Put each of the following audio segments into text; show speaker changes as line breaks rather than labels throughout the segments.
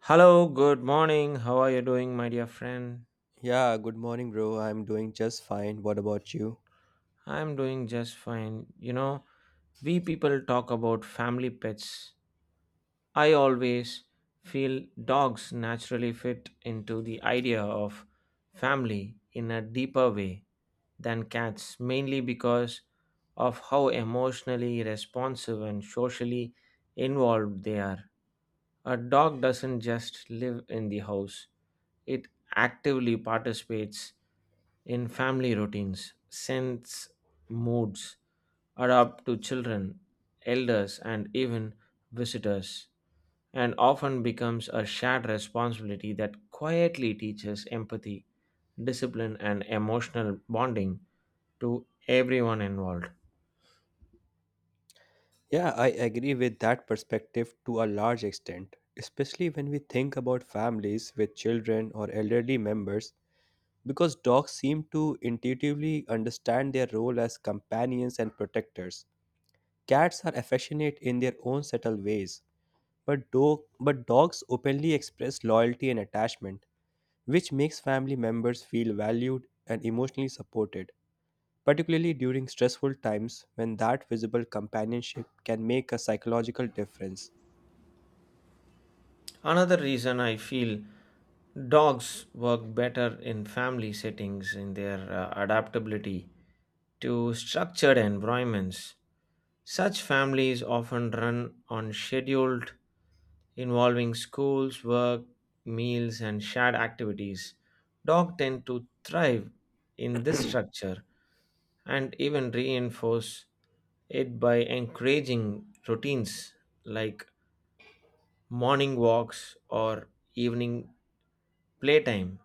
Hello, good morning. How are you doing, my dear friend?
Yeah, good morning, bro. I'm doing just fine. What about you?
I'm doing just fine. You know, we people talk about family pets. I always feel dogs naturally fit into the idea of family in a deeper way than cats, mainly because of how emotionally responsive and socially involved they are. A dog doesn't just live in the house, it actively participates in family routines, sense moods, adapt to children, elders, and even visitors, and often becomes a shared responsibility that quietly teaches empathy, discipline, and emotional bonding to everyone involved.
Yeah, I agree with that perspective to a large extent, especially when we think about families with children or elderly members, because dogs seem to intuitively understand their role as companions and protectors. Cats are affectionate in their own subtle ways, but, dogs openly express loyalty and attachment, which makes family members feel valued and emotionally supported, particularly during stressful times when that visible companionship can make a psychological difference.
Another reason I feel dogs work better in family settings in their adaptability to structured environments. Such families often run on scheduled involving schools, work, meals, and shared activities. Dogs tend to thrive in this structure and even reinforce it by encouraging routines like morning walks, or evening playtime,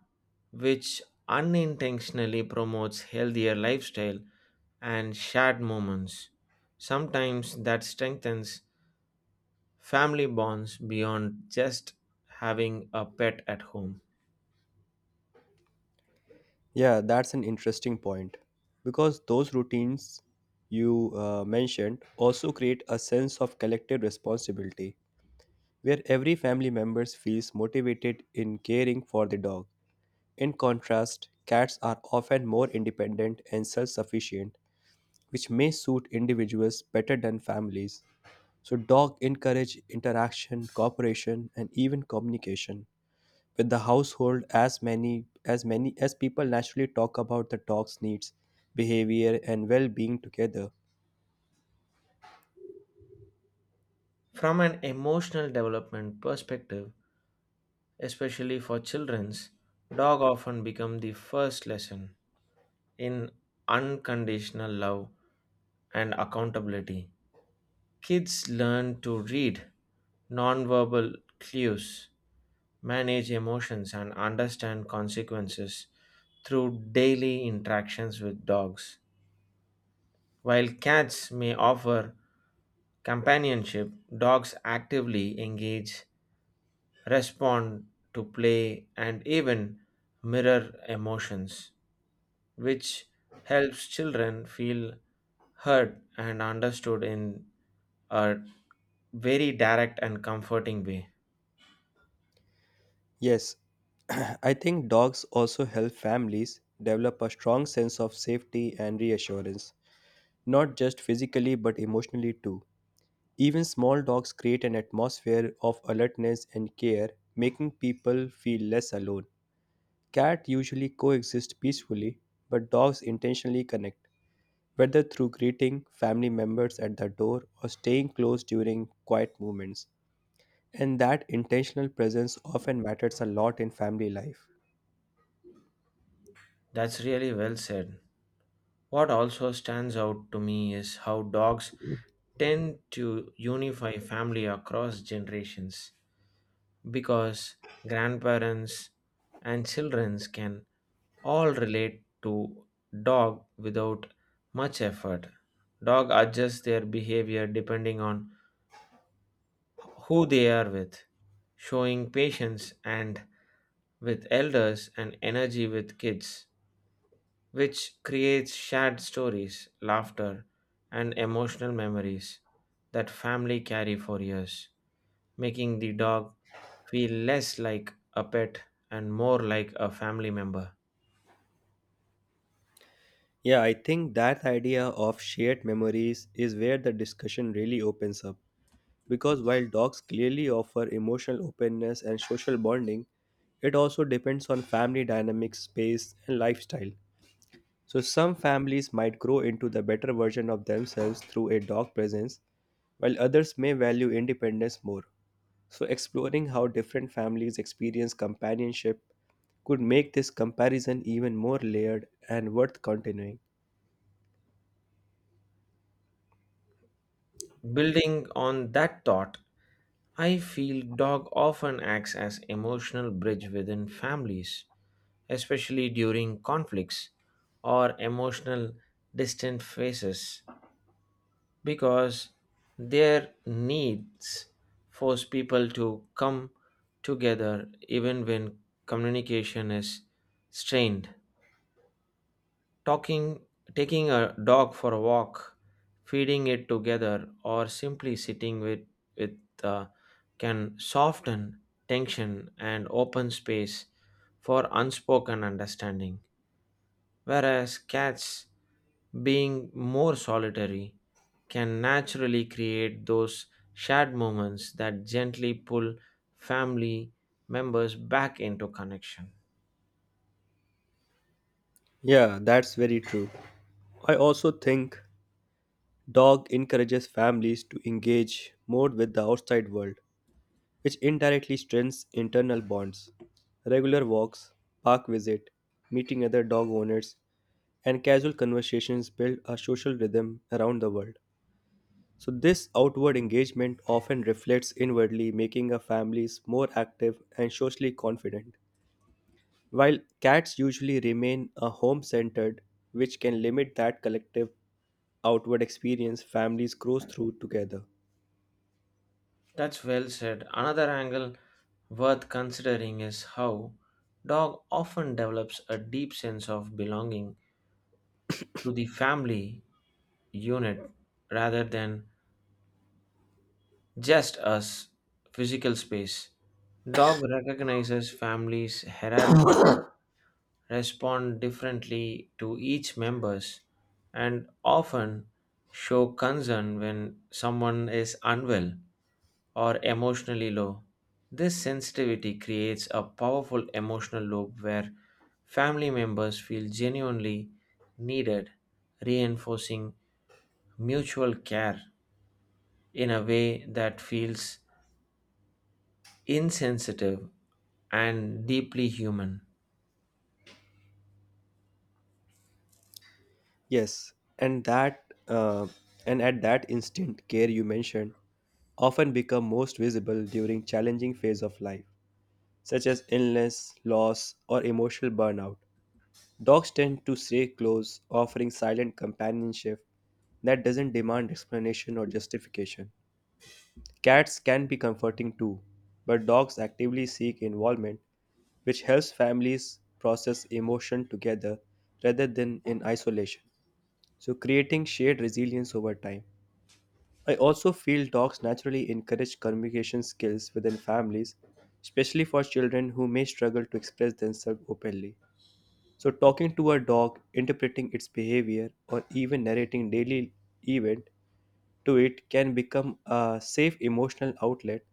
which unintentionally promotes healthier lifestyle and shared moments. Sometimes that strengthens family bonds beyond just having a pet at home.
Yeah, that's an interesting point because those routines you mentioned also create a sense of collective responsibility where every family member feels motivated in caring for the dog. In contrast, cats are often more independent and self sufficient, which may suit individuals better than families. So dog encourage interaction, cooperation, and even communication with the household as many as people naturally talk about the dog's needs, behavior, and well-being together.
From an emotional development perspective, especially for children's, dog often become the first lesson in unconditional love and accountability. Kids learn to read nonverbal clues, manage emotions, and understand consequences through daily interactions with dogs. While cats may offer companionship, dogs actively engage, respond to play, and even mirror emotions, which helps children feel heard and understood in a very direct and comforting way.
Yes, I think dogs also help families develop a strong sense of safety and reassurance, not just physically but emotionally too. Even small dogs create an atmosphere of alertness and care, making people feel less alone. Cats usually coexist peacefully, but dogs intentionally connect, whether through greeting family members at the door or staying close during quiet moments. And that intentional presence often matters a lot in family life.
That's really well said. What also stands out to me is how dogs tend to unify family across generations because grandparents and children can all relate to dog without much effort. Dog adjusts their behavior depending on who they are with, showing patience and with elders and energy with kids, which creates shared stories, laughter, and emotional memories that family carry for years, making the dog feel less like a pet and more like a family member.
Yeah, I think that idea of shared memories is where the discussion really opens up, because while dogs clearly offer emotional openness and social bonding, it also depends on family dynamics, space, and lifestyle. So some families might grow into the better version of themselves through a dog presence, while others may value independence more. So exploring how different families experience companionship could make this comparison even more layered and worth continuing.
Building on that thought, I feel dog often acts as emotional bridge within families, especially during conflicts or emotional distant phases because their needs force people to come together even when communication is strained talking taking a dog for a walk feeding it together or simply sitting with uh, can soften tension and open space for unspoken understanding whereas cats being more solitary can naturally create those shared moments that gently pull family members back into connection.
Yeah, that's very true. I also think dog encourages families to engage more with the outside world, which indirectly strengthens internal bonds. Regular walks, park visit, meeting other dog owners and casual conversations build a social rhythm around the world. So, this outward engagement often reflects inwardly, making our families more active and socially confident, while cats usually remain a home centered, which can limit that collective outward experience families grow through together.
That's well said. Another angle worth considering is how dog often develops a deep sense of belonging to the family unit rather than just as physical space. Dog recognizes families' hierarchies respond differently to each members and often show concern when someone is unwell or emotionally low. This sensitivity creates a powerful emotional loop where family members feel genuinely needed, reinforcing mutual care in a way that feels insensitive and deeply human.
Yes, and that and at that instant care you mentioned often become most visible during challenging phase of life such as illness, loss, or emotional burnout. Dogs tend to stay close, offering silent companionship that doesn't demand explanation or justification. Cats can be comforting too, but dogs actively seek involvement, which helps families process emotion together rather than in isolation, so creating shared resilience over time. I also feel talks naturally encourage communication skills within families, especially for children who may struggle to express themselves openly. So, talking to a dog, interpreting its behavior, or even narrating daily event to it can become a safe emotional outlet.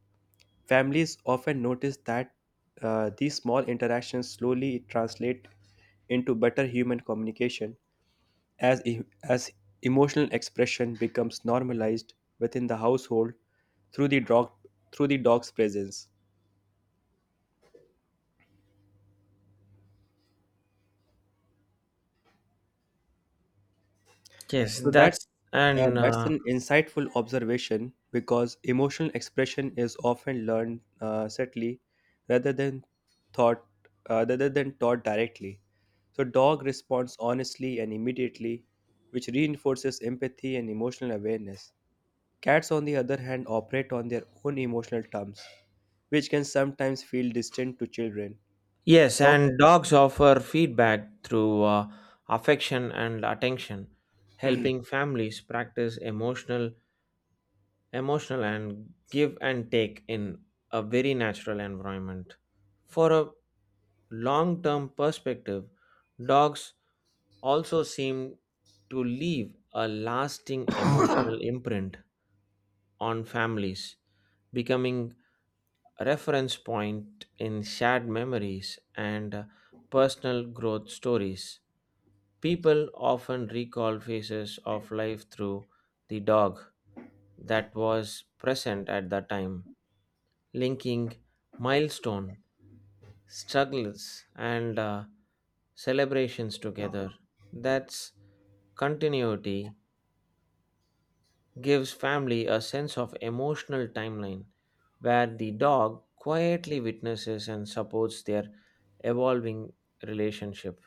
Families often notice that these small interactions slowly translate into better human communication as emotional expression becomes normalized within the household through the dog through the dog's presence.
Yes,
So
that's and
that's
uh,
an insightful observation because emotional expression is often learned subtly rather than thought rather than taught directly. So dog responds honestly and immediately, which reinforces empathy and emotional awareness. Cats, on the other hand, operate on their own emotional terms, which can sometimes feel distant to children.
Yes,
Dogs.
and dogs offer feedback through affection and attention, helping families practice emotional and give and take in a very natural environment. For a long-term perspective, dogs also seem to leave a lasting emotional imprint on families, becoming reference point in shared memories and personal growth stories. People often recall phases of life through the dog that was present at the time, linking milestone, struggles, and celebrations together. That's continuity gives family a sense of emotional timeline where the dog quietly witnesses and supports their evolving relationship.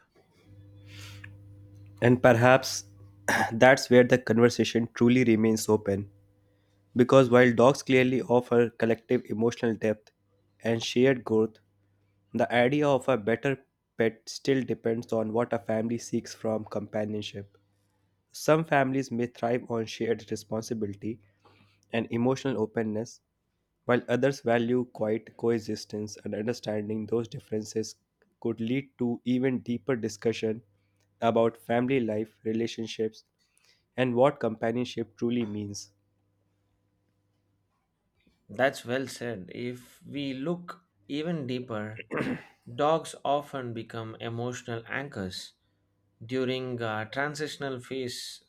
And perhaps that's where the conversation truly remains open, because while dogs clearly offer collective emotional depth and shared growth, the idea of a better pet still depends on what a family seeks from companionship. Some families may thrive on shared responsibility and emotional openness, while others value quiet coexistence, and understanding those differences could lead to even deeper discussion about family life, relationships, and what companionship truly means.
That's well said. If we look even deeper, dogs often become emotional anchors during a transitional phase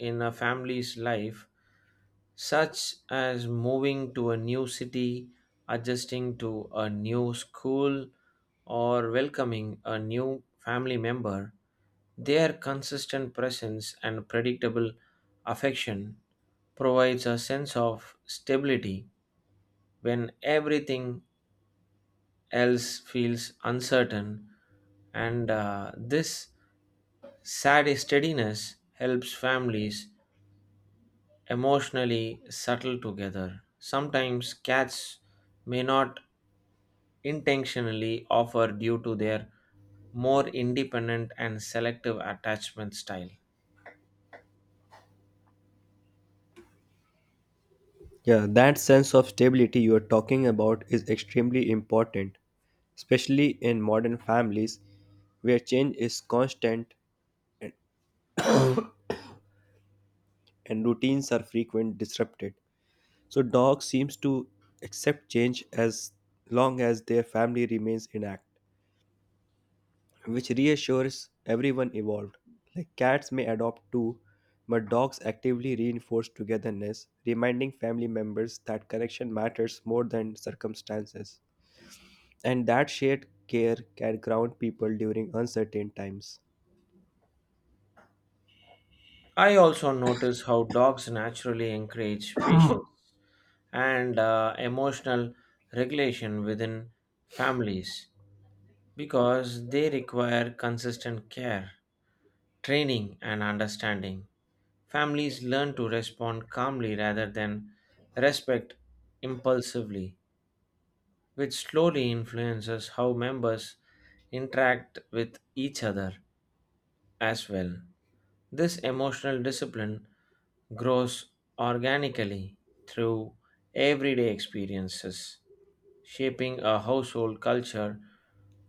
in a family's life such as moving to a new city, adjusting to a new school, or welcoming a new family member. Their consistent presence and predictable affection provides a sense of stability when everything else feels uncertain, and this sad steadiness helps families emotionally subtle together. Sometimes cats may not intentionally offer due to their more independent and selective attachment style.
Yeah, that sense of stability you are talking about is extremely important, especially in modern families where change is constant and routines are frequent disrupted. So dog seems to accept change as long as their family remains intact, which reassures everyone involved. Like cats may adopt too, but dogs actively reinforce togetherness, reminding family members that connection matters more than circumstances. And that shared care can ground people during uncertain times.
I also notice how dogs naturally encourage patience and emotional regulation within families because they require consistent care, training and understanding. Families learn to respond calmly rather than respect impulsively, which slowly influences how members interact with each other as well. This emotional discipline grows organically through everyday experiences, shaping a household culture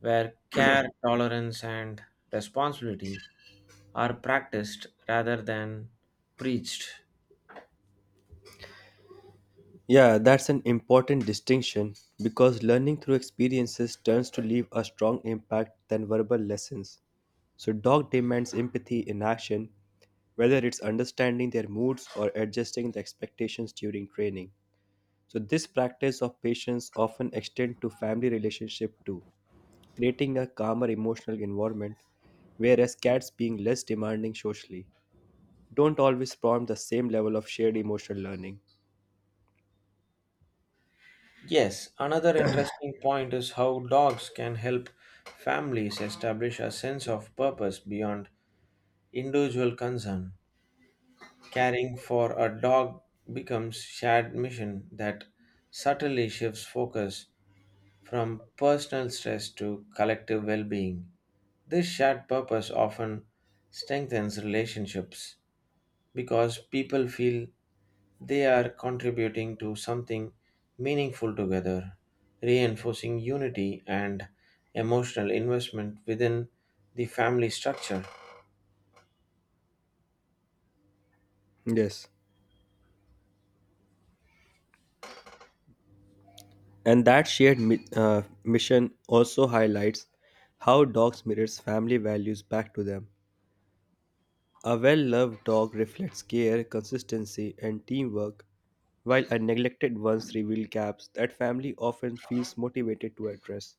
where care, tolerance, and responsibility are practiced rather than preached.
Yeah, that's an important distinction because learning through experiences turns to leave a strong impact than verbal lessons. So, dog demands empathy in action, whether it's understanding their moods or adjusting the expectations during training. So this practice of patience often extends to family relationship too, creating a calmer emotional environment, whereas cats being less demanding socially don't always prompt the same level of shared emotional learning.
Yes, another interesting point is how dogs can help families establish a sense of purpose beyond individual concern. Caring for a dog becomes shared mission that subtly shifts focus from personal stress to collective well-being. This shared purpose often strengthens relationships because people feel they are contributing to something meaningful together, reinforcing unity and emotional investment within the family structure.
Yes. And that shared mission also highlights how dogs mirrors family values back to them. A well-loved dog reflects care, consistency, and teamwork, while a neglected ones reveal gaps that family often feels motivated to address.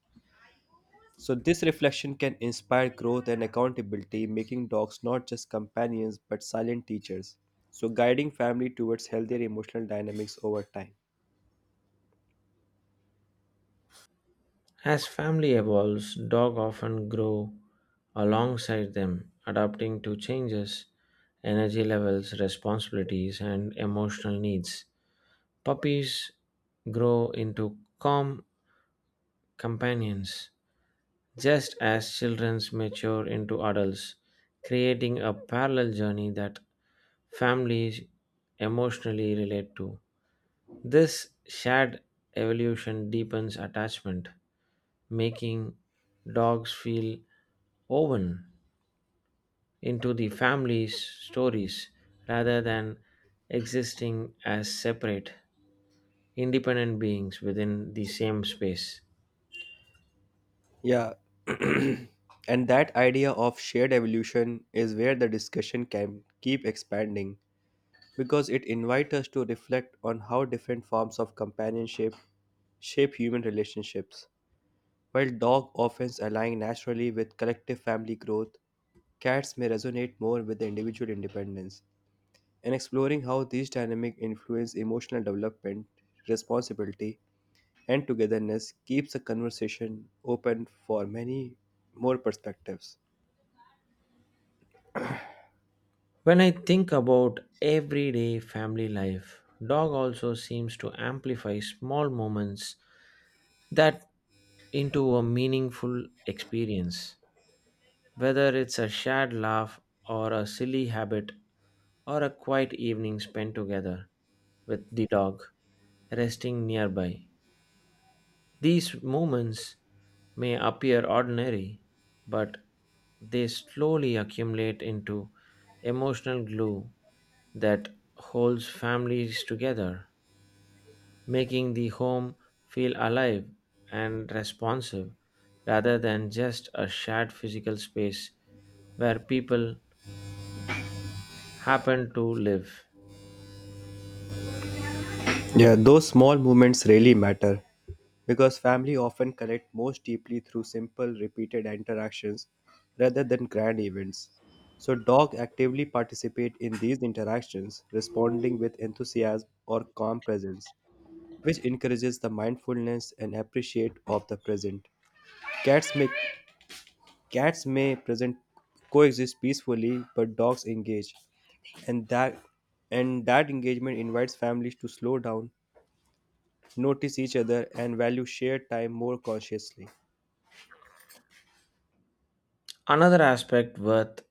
So, this reflection can inspire growth and accountability, making dogs not just companions but silent teachers. So, guiding family towards healthier emotional dynamics over time.
As family evolves, dogs often grow alongside them, adapting to changes, energy levels, responsibilities, and emotional needs. Puppies grow into calm companions, just as children mature into adults, creating a parallel journey that families emotionally relate to. This shared evolution deepens attachment, making dogs feel woven into the family's stories rather than existing as separate, independent beings within the same space.
Yeah. And that idea of shared evolution is where the discussion can keep expanding, because it invites us to reflect on how different forms of companionship shape human relationships. While dog often align naturally with collective family growth, cats may resonate more with the individual independence. In exploring how these dynamics influence emotional development, responsibility, and togetherness keeps the conversation open for many more perspectives.
When I think about everyday family life, dog also seems to amplify small moments that into a meaningful experience. Whether it's a shared laugh or a silly habit or a quiet evening spent together with the dog resting nearby. These moments may appear ordinary, but they slowly accumulate into emotional glue that holds families together, making the home feel alive and responsive rather than just a shared physical space where people happen to live.
Yeah, those small movements really matter, because family often connect most deeply through simple, repeated interactions rather than grand events. So, dogs actively participate in these interactions, responding with enthusiasm or calm presence, which encourages the mindfulness and appreciate of the present. Cats may cats may present coexist peacefully, but dogs engage, and that engagement invites families to slow down, notice each other, and value shared time more consciously.
Another aspect worth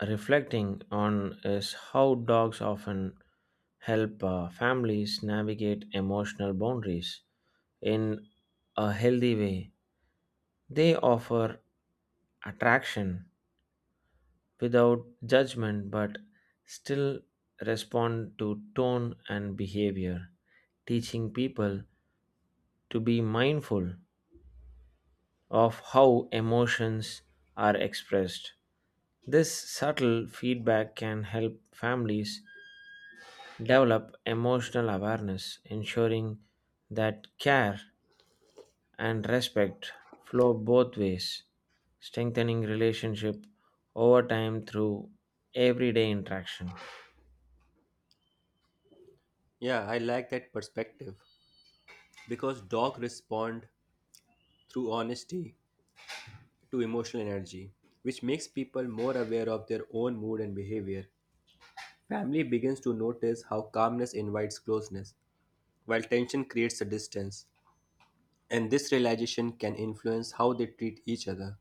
reflecting on is how dogs often help families navigate emotional boundaries in a healthy way. They offer attraction, without judgment but still respond to tone and behavior, teaching people to be mindful of how emotions are expressed. This subtle feedback can help families develop emotional awareness, ensuring that care and respect flow both ways, strengthening relationship over time through everyday interaction.
Yeah, I like that perspective because dogs respond through honesty to emotional energy, which makes people more aware of their own mood and behavior. Family begins to notice how calmness invites closeness, while tension creates a distance, and this realization can influence how they treat each other.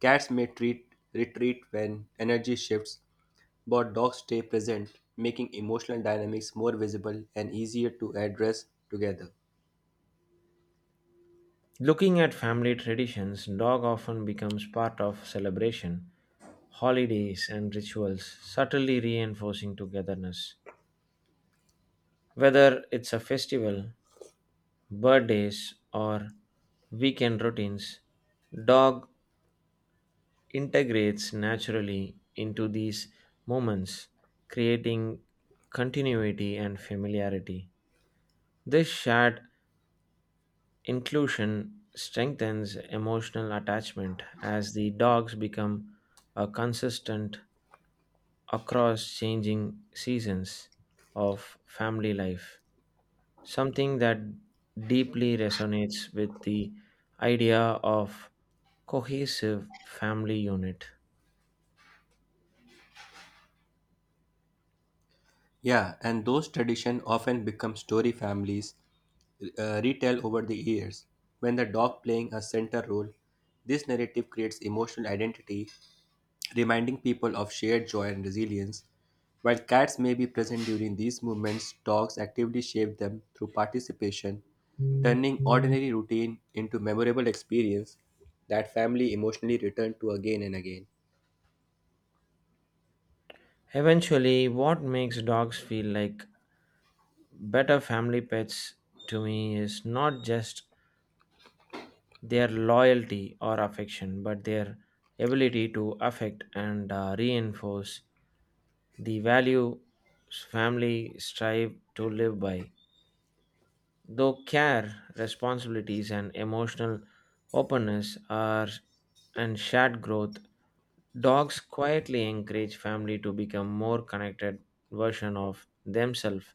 Cats may treat retreat when energy shifts, but dogs stay present, making emotional dynamics more visible and easier to address together.
Looking at family traditions, dog often becomes part of celebration, holidays, and rituals, subtly reinforcing togetherness. Whether it's a festival, birthdays, or weekend routines, dog integrates naturally into these moments, creating continuity and familiarity. This shared inclusion strengthens emotional attachment as the dogs become a consistent across changing seasons of family life, something that deeply resonates with the idea of cohesive family unit.
Yeah, and those traditions often become story families retell over the years. When the dog playing a center role, this narrative creates emotional identity, reminding people of shared joy and resilience. While cats may be present during these movements, dogs actively shape them through participation, turning ordinary routine into memorable experience that family emotionally return to again and again.
Eventually, what makes dogs feel like better family pets to me is not just their loyalty or affection, but their ability to affect and reinforce the value family strive to live by. Though care, responsibilities, and emotional openness are and shared growth, dogs quietly encourage family to become more connected version of themselves,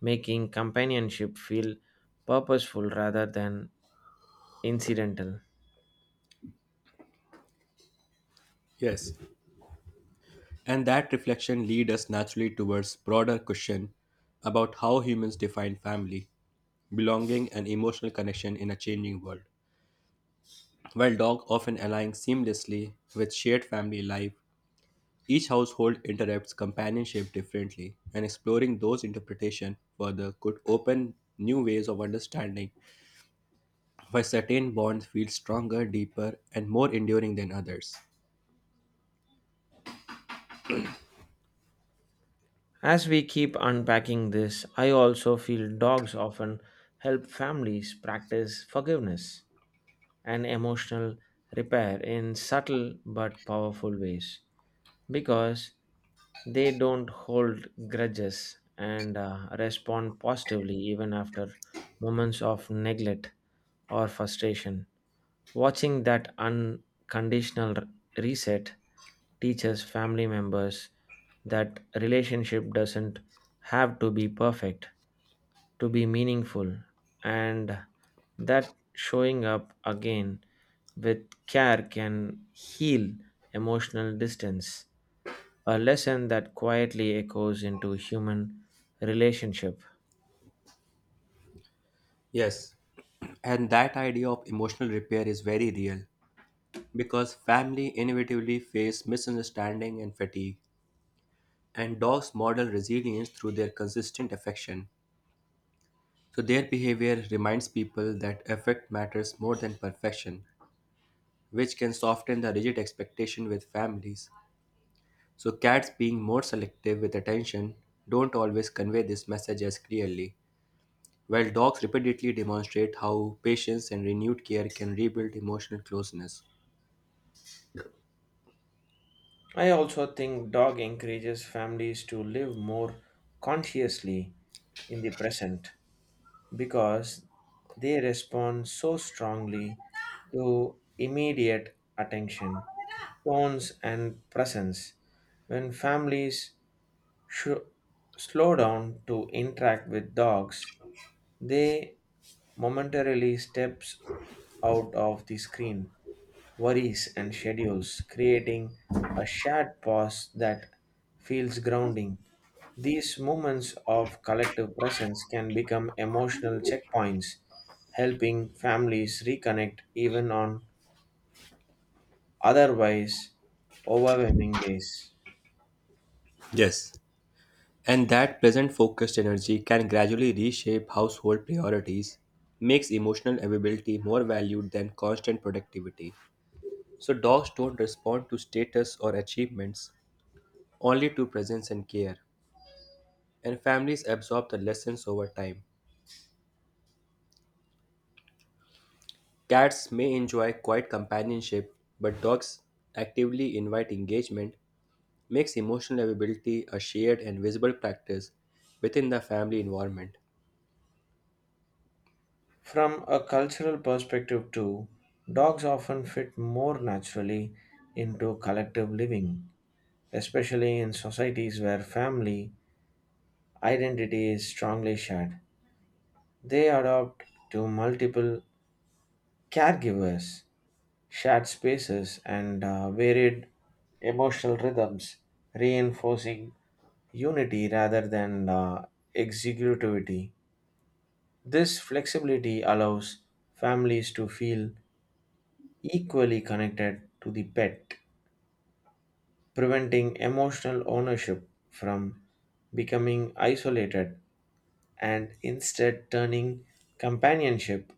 making companionship feel purposeful rather than incidental.
Yes. And that reflection leads us naturally towards broader question about how humans define family, belonging and emotional connection in a changing world. While dogs often align seamlessly with shared family life, each household interprets companionship differently, and exploring those interpretations further could open new ways of understanding why certain bonds feel stronger, deeper, and more enduring than others.
As we keep unpacking this, I also feel dogs often help families practice forgiveness and emotional repair in subtle but powerful ways because they don't hold grudges and respond positively even after moments of neglect or frustration. Watching that unconditional reset teaches family members that relationship doesn't have to be perfect to be meaningful and that showing up again with care can heal emotional distance, a lesson that quietly echoes into human relationship.
Yes, and that idea of emotional repair is very real because family inevitably face misunderstanding and fatigue, and dogs model resilience through their consistent affection. So their behavior reminds people that affect matters more than perfection, which can soften the rigid expectation with families. So cats being more selective with attention don't always convey this message as clearly, while dogs repeatedly demonstrate how patience and renewed care can rebuild emotional closeness.
I also think dog encourages families to live more consciously in the present because they respond so strongly to immediate attention, tones, and presence. When families sh- slow down to interact with dogs, they momentarily steps out of the screen worries, and schedules, creating a shared pause that feels grounding. These moments of collective presence can become emotional checkpoints, helping families reconnect even on otherwise overwhelming days.
Yes. And that present focused energy can gradually reshape household priorities, makes emotional availability more valued than constant productivity. So, dogs don't respond to status or achievements, only to presence and care, and families absorb the lessons over time. Cats may enjoy quiet companionship, but dogs actively invite engagement, makes emotional availability a shared and visible practice within the family environment.
From a cultural perspective, too, dogs often fit more naturally into collective living, especially in societies where family identity is strongly shared. They adapt to multiple caregivers, shared spaces, and varied emotional rhythms, reinforcing unity rather than executivity. This flexibility allows families to feel equally connected to the pet, preventing emotional ownership from becoming isolated and instead turning companionship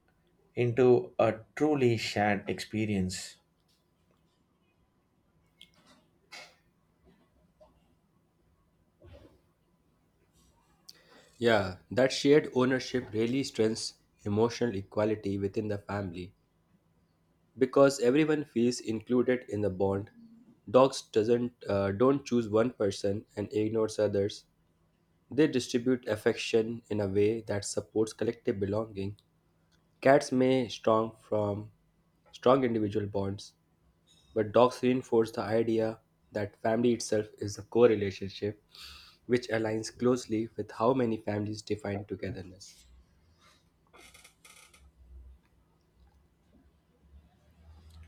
into a truly shared experience.
Yeah, that shared ownership really strengthens emotional equality within the family because everyone feels included in the bond. Dogs doesn't don't choose one person and ignores others. They distribute affection in a way that supports collective belonging. Cats may strong individual bonds, but dogs reinforce the idea that family itself is a core relationship, which aligns closely with how many families define togetherness.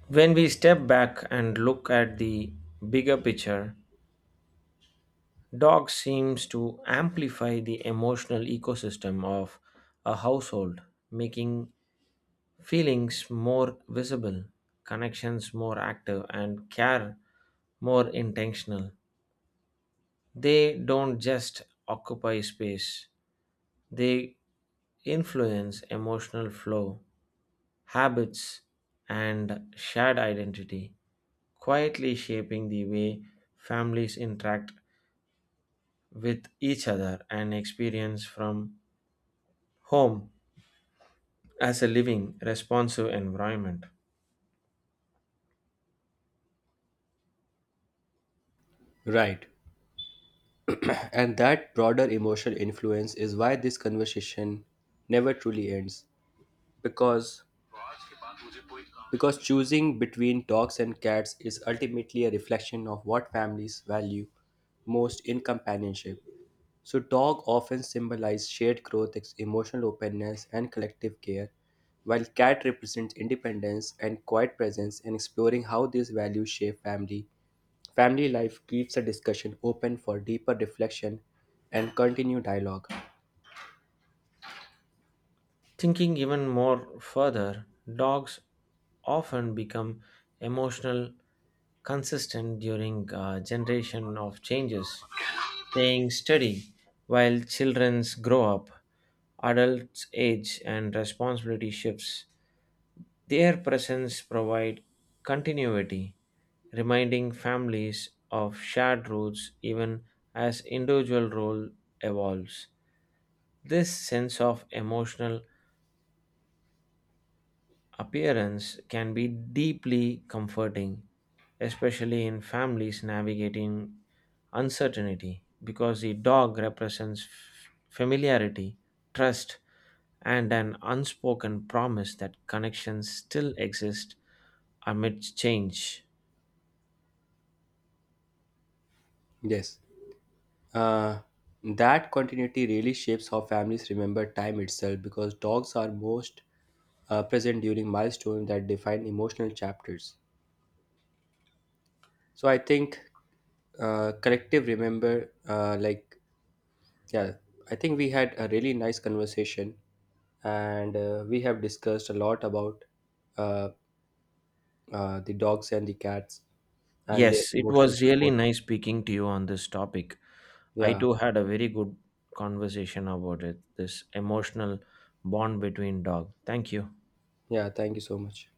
When we step back and look at the bigger picture, dog seems to amplify the emotional ecosystem of a household, making feelings more visible, connections more active, and care more intentional. They don't just occupy space, they influence emotional flow habits, and shared identity, quietly shaping the way families interact with each other and experience from home as a living, responsive environment.
Right. And that broader emotional influence is why this conversation never truly ends, Because because choosing between dogs and cats is ultimately a reflection of what families value most in companionship. So, dog often symbolize shared growth, emotional openness, and collective care, while cat represents independence and quiet presence. And exploring how these values shape family life keeps the discussion open for deeper reflection and continued dialogue.
Thinking even more further, dogs often become emotional consistent during a generation of changes, staying steady while childrens grow up, adults age, and responsibility shifts. Their presence provide continuity, reminding families of shared roots even as individual role evolves. This sense of emotional appearance can be deeply comforting, especially in families navigating uncertainty, because the dog represents familiarity, trust, and an unspoken promise that connections still exist amidst change.
Yes. Uh, that continuity really shapes how families remember time itself because dogs are most present during milestones that define emotional chapters. So I think uh, collective remember, uh, like, yeah, I think we had a really nice conversation and we have discussed a lot about uh, the dogs and the cats and their
Yes, it
emotional
was really
support.
nice speaking to you on this topic. I
Yeah,
too had a very good conversation about it, this emotional bond between dog. Thank you.
yeah, thank you so much.